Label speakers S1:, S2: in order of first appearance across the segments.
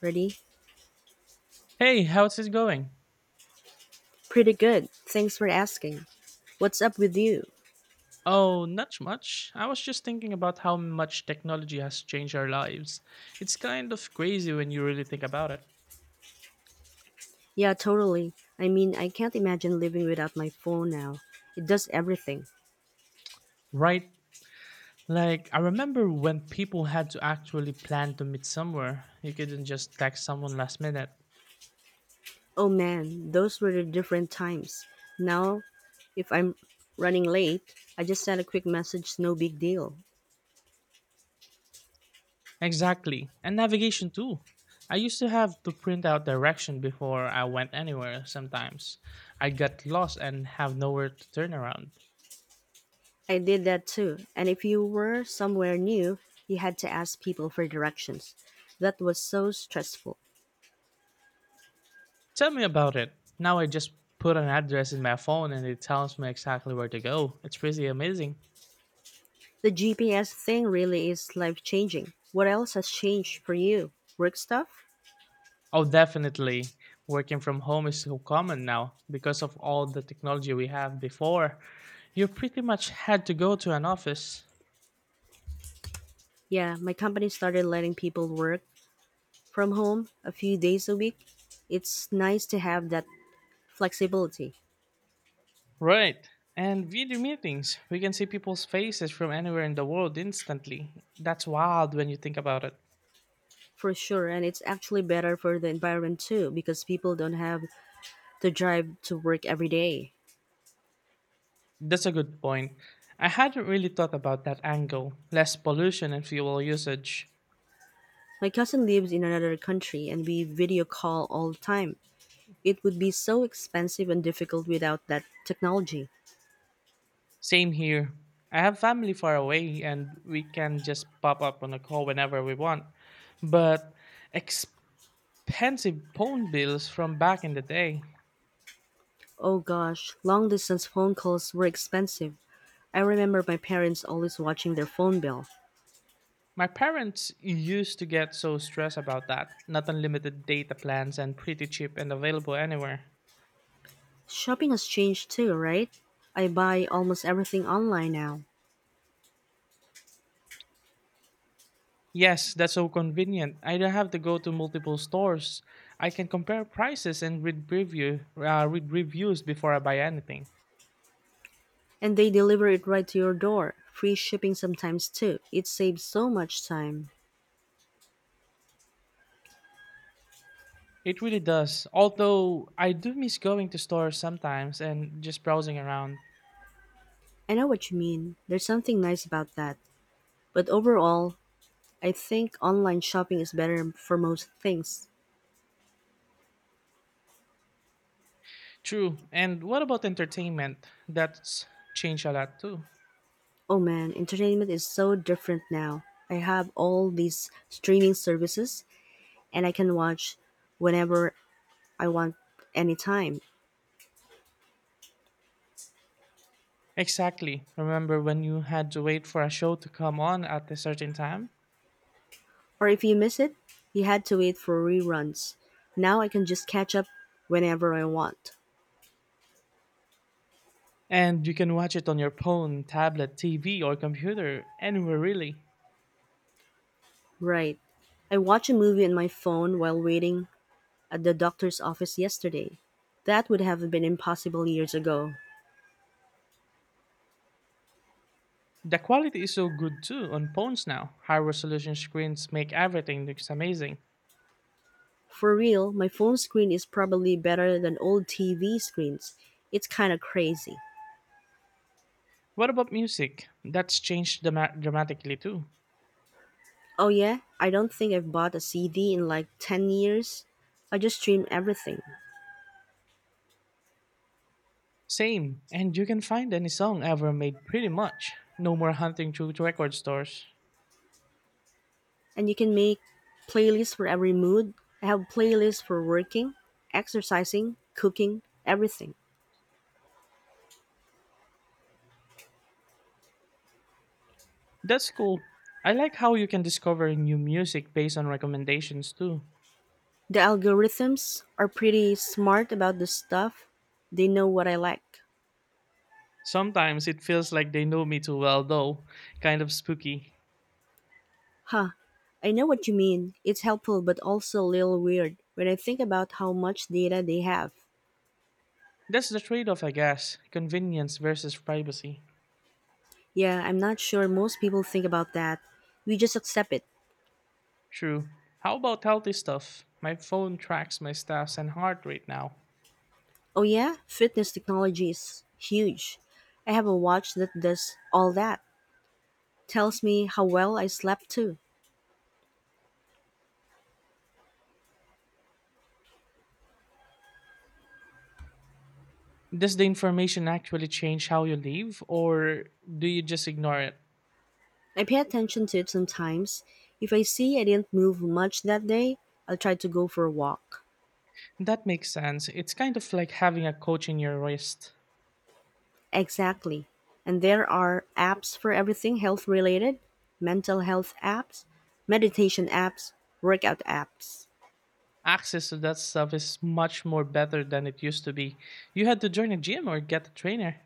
S1: Ready?
S2: Hey, how's it going?
S1: Pretty good. Thanks for asking. What's up with you?
S2: Oh, not much. I was just thinking about how much technology has changed our lives. It's kind of crazy when you really think about it.
S1: Yeah, totally. I mean, I can't imagine living without my phone now. It does everything.
S2: Right? Like, I remember when people had to actually plan to meet somewhere. You couldn't just text someone last minute.
S1: Oh man, those were the different times. Now, if I'm running late, I just send a quick message, no big deal.
S2: Exactly. And navigation too. I used to have to print out direction before I went anywhere sometimes. I'd get lost and have nowhere to turn around.
S1: I did that too. And if you were somewhere new, you had to ask people for directions. That was so stressful.
S2: Tell me about it. Now I just put an address in my phone and it tells me exactly where to go. It's pretty amazing.
S1: The GPS thing really is life changing. What else has changed for you? Work stuff?
S2: Oh, definitely. Working from home is so common now because of all the technology we have before. You pretty much had to go to an office.
S1: Yeah, my company started letting people work from home a few days a week. It's nice to have that flexibility
S2: Right. And video meetings. We can see people's faces from anywhere in the world instantly. That's wild when you think about it.
S1: for sure, and it's actually better for the environment too because people don't have to drive to work every day.
S2: That's a good point. I hadn't really thought about that angle less pollution and fuel usage.
S1: My cousin lives in another country and we video call all the time. It would be so expensive and difficult without that technology.
S2: Same here. I have family far away and we can just pop up on a call whenever we want. But expensive phone bills from back in the day.
S1: Oh gosh, long distance phone calls were expensive. I remember my parents always watching their phone bill.
S2: My parents used to get so stressed about that. Not unlimited data plans and pretty cheap and available anywhere.
S1: Shopping has changed too, right? I buy almost everything online now,
S2: Yes, that's so convenient. I don't have to go to multiple stores. I can compare prices and read reviews before I buy anything.
S1: and they deliver it right to your door. Free shipping sometimes too. It saves so much time.
S2: It really does. Although I do miss going to stores sometimes and just browsing around.
S1: I know what you mean. There's something nice about that. But overall, I think online shopping is better for most things.
S2: True. And what about entertainment? That's changed a lot too.
S1: Oh man, entertainment is so different now. I have all these streaming services and I can watch whenever I want anytime.
S2: Exactly. Remember when you had to wait for a show to come on at a certain time?
S1: Or if you miss it, you had to wait for reruns. Now I can just catch up whenever I want.
S2: And you can watch it on your phone, tablet, TV, or computer, anywhere really.
S1: Right. I watched a movie on my phone while waiting at the doctor's office yesterday. That would have been impossible years ago.
S2: The quality is so good too on phones now. High resolution screens make everything looks amazing.
S1: For real, my phone screen is probably better than old TV screens. It's kind of crazy.
S2: What about music? That's changed dramatically too.
S1: Oh, yeah? I don't think I've bought a CD in like 10 years. I just stream everything.
S2: Same, and you can find any song ever made pretty much. No more hunting through record stores.
S1: And you can make playlists for every mood. I have playlists for working, exercising, cooking, everything.
S2: That's cool. I like how you can discover new music based on recommendations too.
S1: The algorithms are pretty smart about this stuff. They know what I like.
S2: Sometimes it feels like they know me too well though, kind of spooky.
S1: Huh. I know what you mean. It's helpful but also a little weird when I think about how much data they have.
S2: That's the trade off, I guess convenience versus privacy.
S1: Yeah, I'm not sure most people think about that. We just accept it.
S2: True. How about healthy stuff? My phone tracks my steps and heart rate now.
S1: Oh yeah, fitness technology is huge. I have a watch that does all that, tells me how well I slept too.
S2: Does the information actually change how you live, or do you just ignore it?
S1: I pay attention to it sometimes. If I see I didn't move much that day, I'll try to go for a walk.
S2: That makes sense. It's kind of like having a coach in your wrist.
S1: Exactly. And there are apps for everything health related, mental health apps, meditation apps, workout apps.
S2: Access to that stuff is much more better than it used to be. You had to join a gym or get a trainer.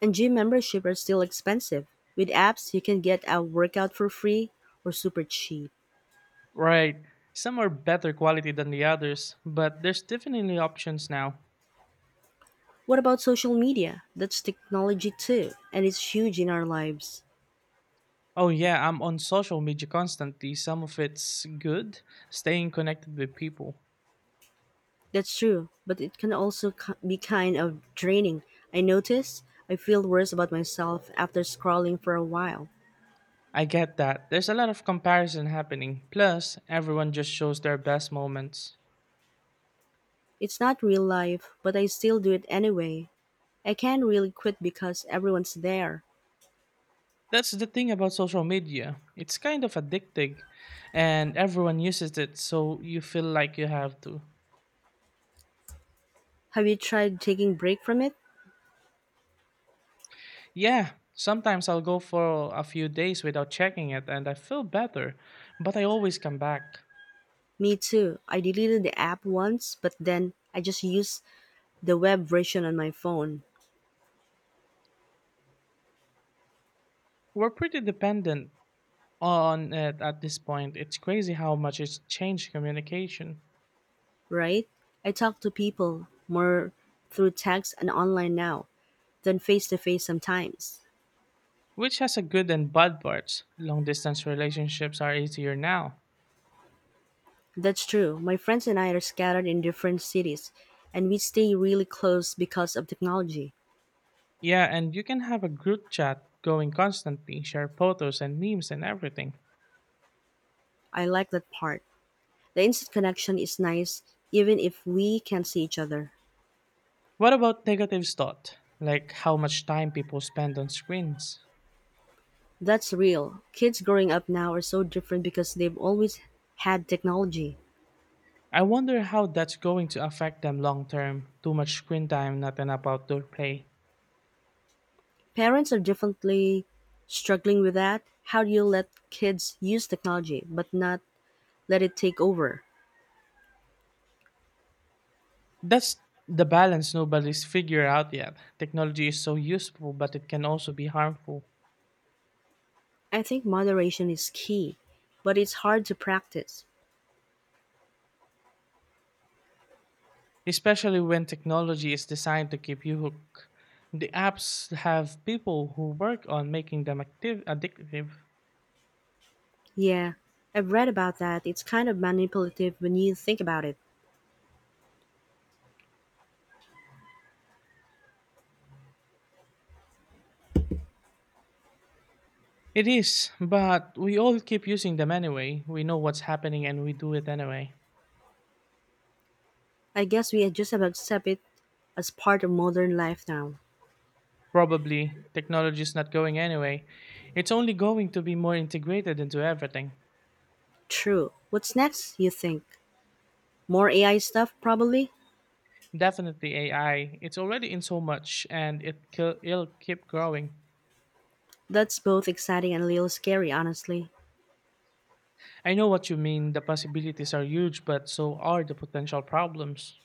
S1: And gym membership are still expensive. With apps, you can get a workout for free or super cheap.
S2: Right. Some are better quality than the others, but there's definitely options now.
S1: What about social media? That's technology too, and it's huge in our lives.
S2: Oh yeah, I'm on social media constantly. Some of it's good, staying connected with people.
S1: That's true, but it can also be kind of draining. I notice I feel worse about myself after scrolling for a while.
S2: I get that. There's a lot of comparison happening. Plus, everyone just shows their best moments.
S1: It's not real life, but I still do it anyway. I can't really quit because everyone's there.
S2: That's the thing about social media. It's kind of addicting, and everyone uses it, so you feel like you have to.
S1: Have you tried taking break from it?
S2: Yeah, sometimes I'll go for a few days without checking it, and I feel better, but I always come back.
S1: Me too. I deleted the app once, but then I just used the web version on my phone,
S2: We're pretty dependent on it at this point. It's crazy how much it's changed communication,
S1: right? I talk to people more through text and online now than face to face sometimes.
S2: which has a good and bad parts. Long distance relationships are easier now.
S1: That's true. My friends and I are scattered in different cities, and we stay really close because of technology.
S2: Yeah, and you can have a group chat going constantly, share photos and memes and everything.
S1: I like that part. The instant connection is nice, even if we can't see each other.
S2: What about negative thought? Like how much time people spend on screens?
S1: That's real. Kids growing up now are so different because they've always had technology.
S2: I wonder how that's going to affect them long term. Too much screen time, not enough outdoor play.
S1: Parents are definitely struggling with that. How do you let kids use technology but not let it take over?
S2: That's the balance nobody's figured out yet. Technology is so useful, but it can also be harmful,
S1: I think moderation is key, but it's hard to practice.
S2: especially when technology is designed to keep you hooked. The apps have people who work on making them active, addictive.
S1: Yeah, I've read about that. It's kind of manipulative when you think about it.
S2: It is, but we all keep using them anyway. We know what's happening and we do it anyway.
S1: I guess we just about accept it as part of modern life now.
S2: Probably, technology is not going anyway. It's only going to be more integrated into everything.
S1: True. What's next, you think? More AI stuff, probably?
S2: Definitely AI. It's already in so much and it'll keep growing.
S1: That's both exciting and a little scary, honestly.
S2: I know what you mean. The possibilities are huge, but so are the potential problems.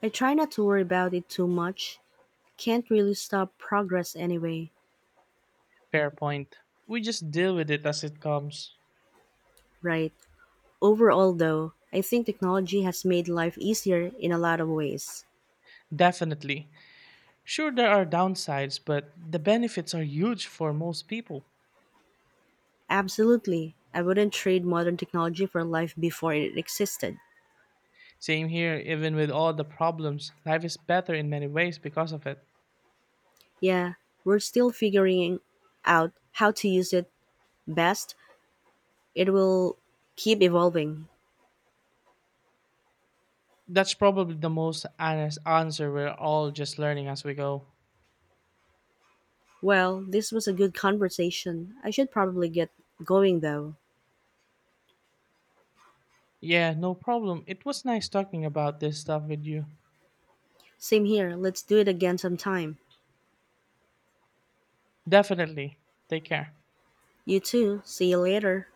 S1: I try not to worry about it too much. Can't really stop progress anyway.
S2: Fair point. We just deal with it as it comes.
S1: Right. Overall, though, I think technology has made life easier in a lot of ways.
S2: Definitely. Sure, there are downsides, but the benefits are huge for most people.
S1: Absolutely. I wouldn't trade modern technology for life before it existed.
S2: Same here, even with all the problems, life is better in many ways because of it.
S1: Yeah, we're still figuring out how to use it best. It will keep evolving.
S2: That's probably the most honest answer. We're all just learning as we go.
S1: Well, this was a good conversation. I should probably get going though.
S2: Yeah, no problem. It was nice talking about this stuff with you.
S1: Same here. Let's do it again sometime.
S2: Definitely. Take care.
S1: You too. See you later.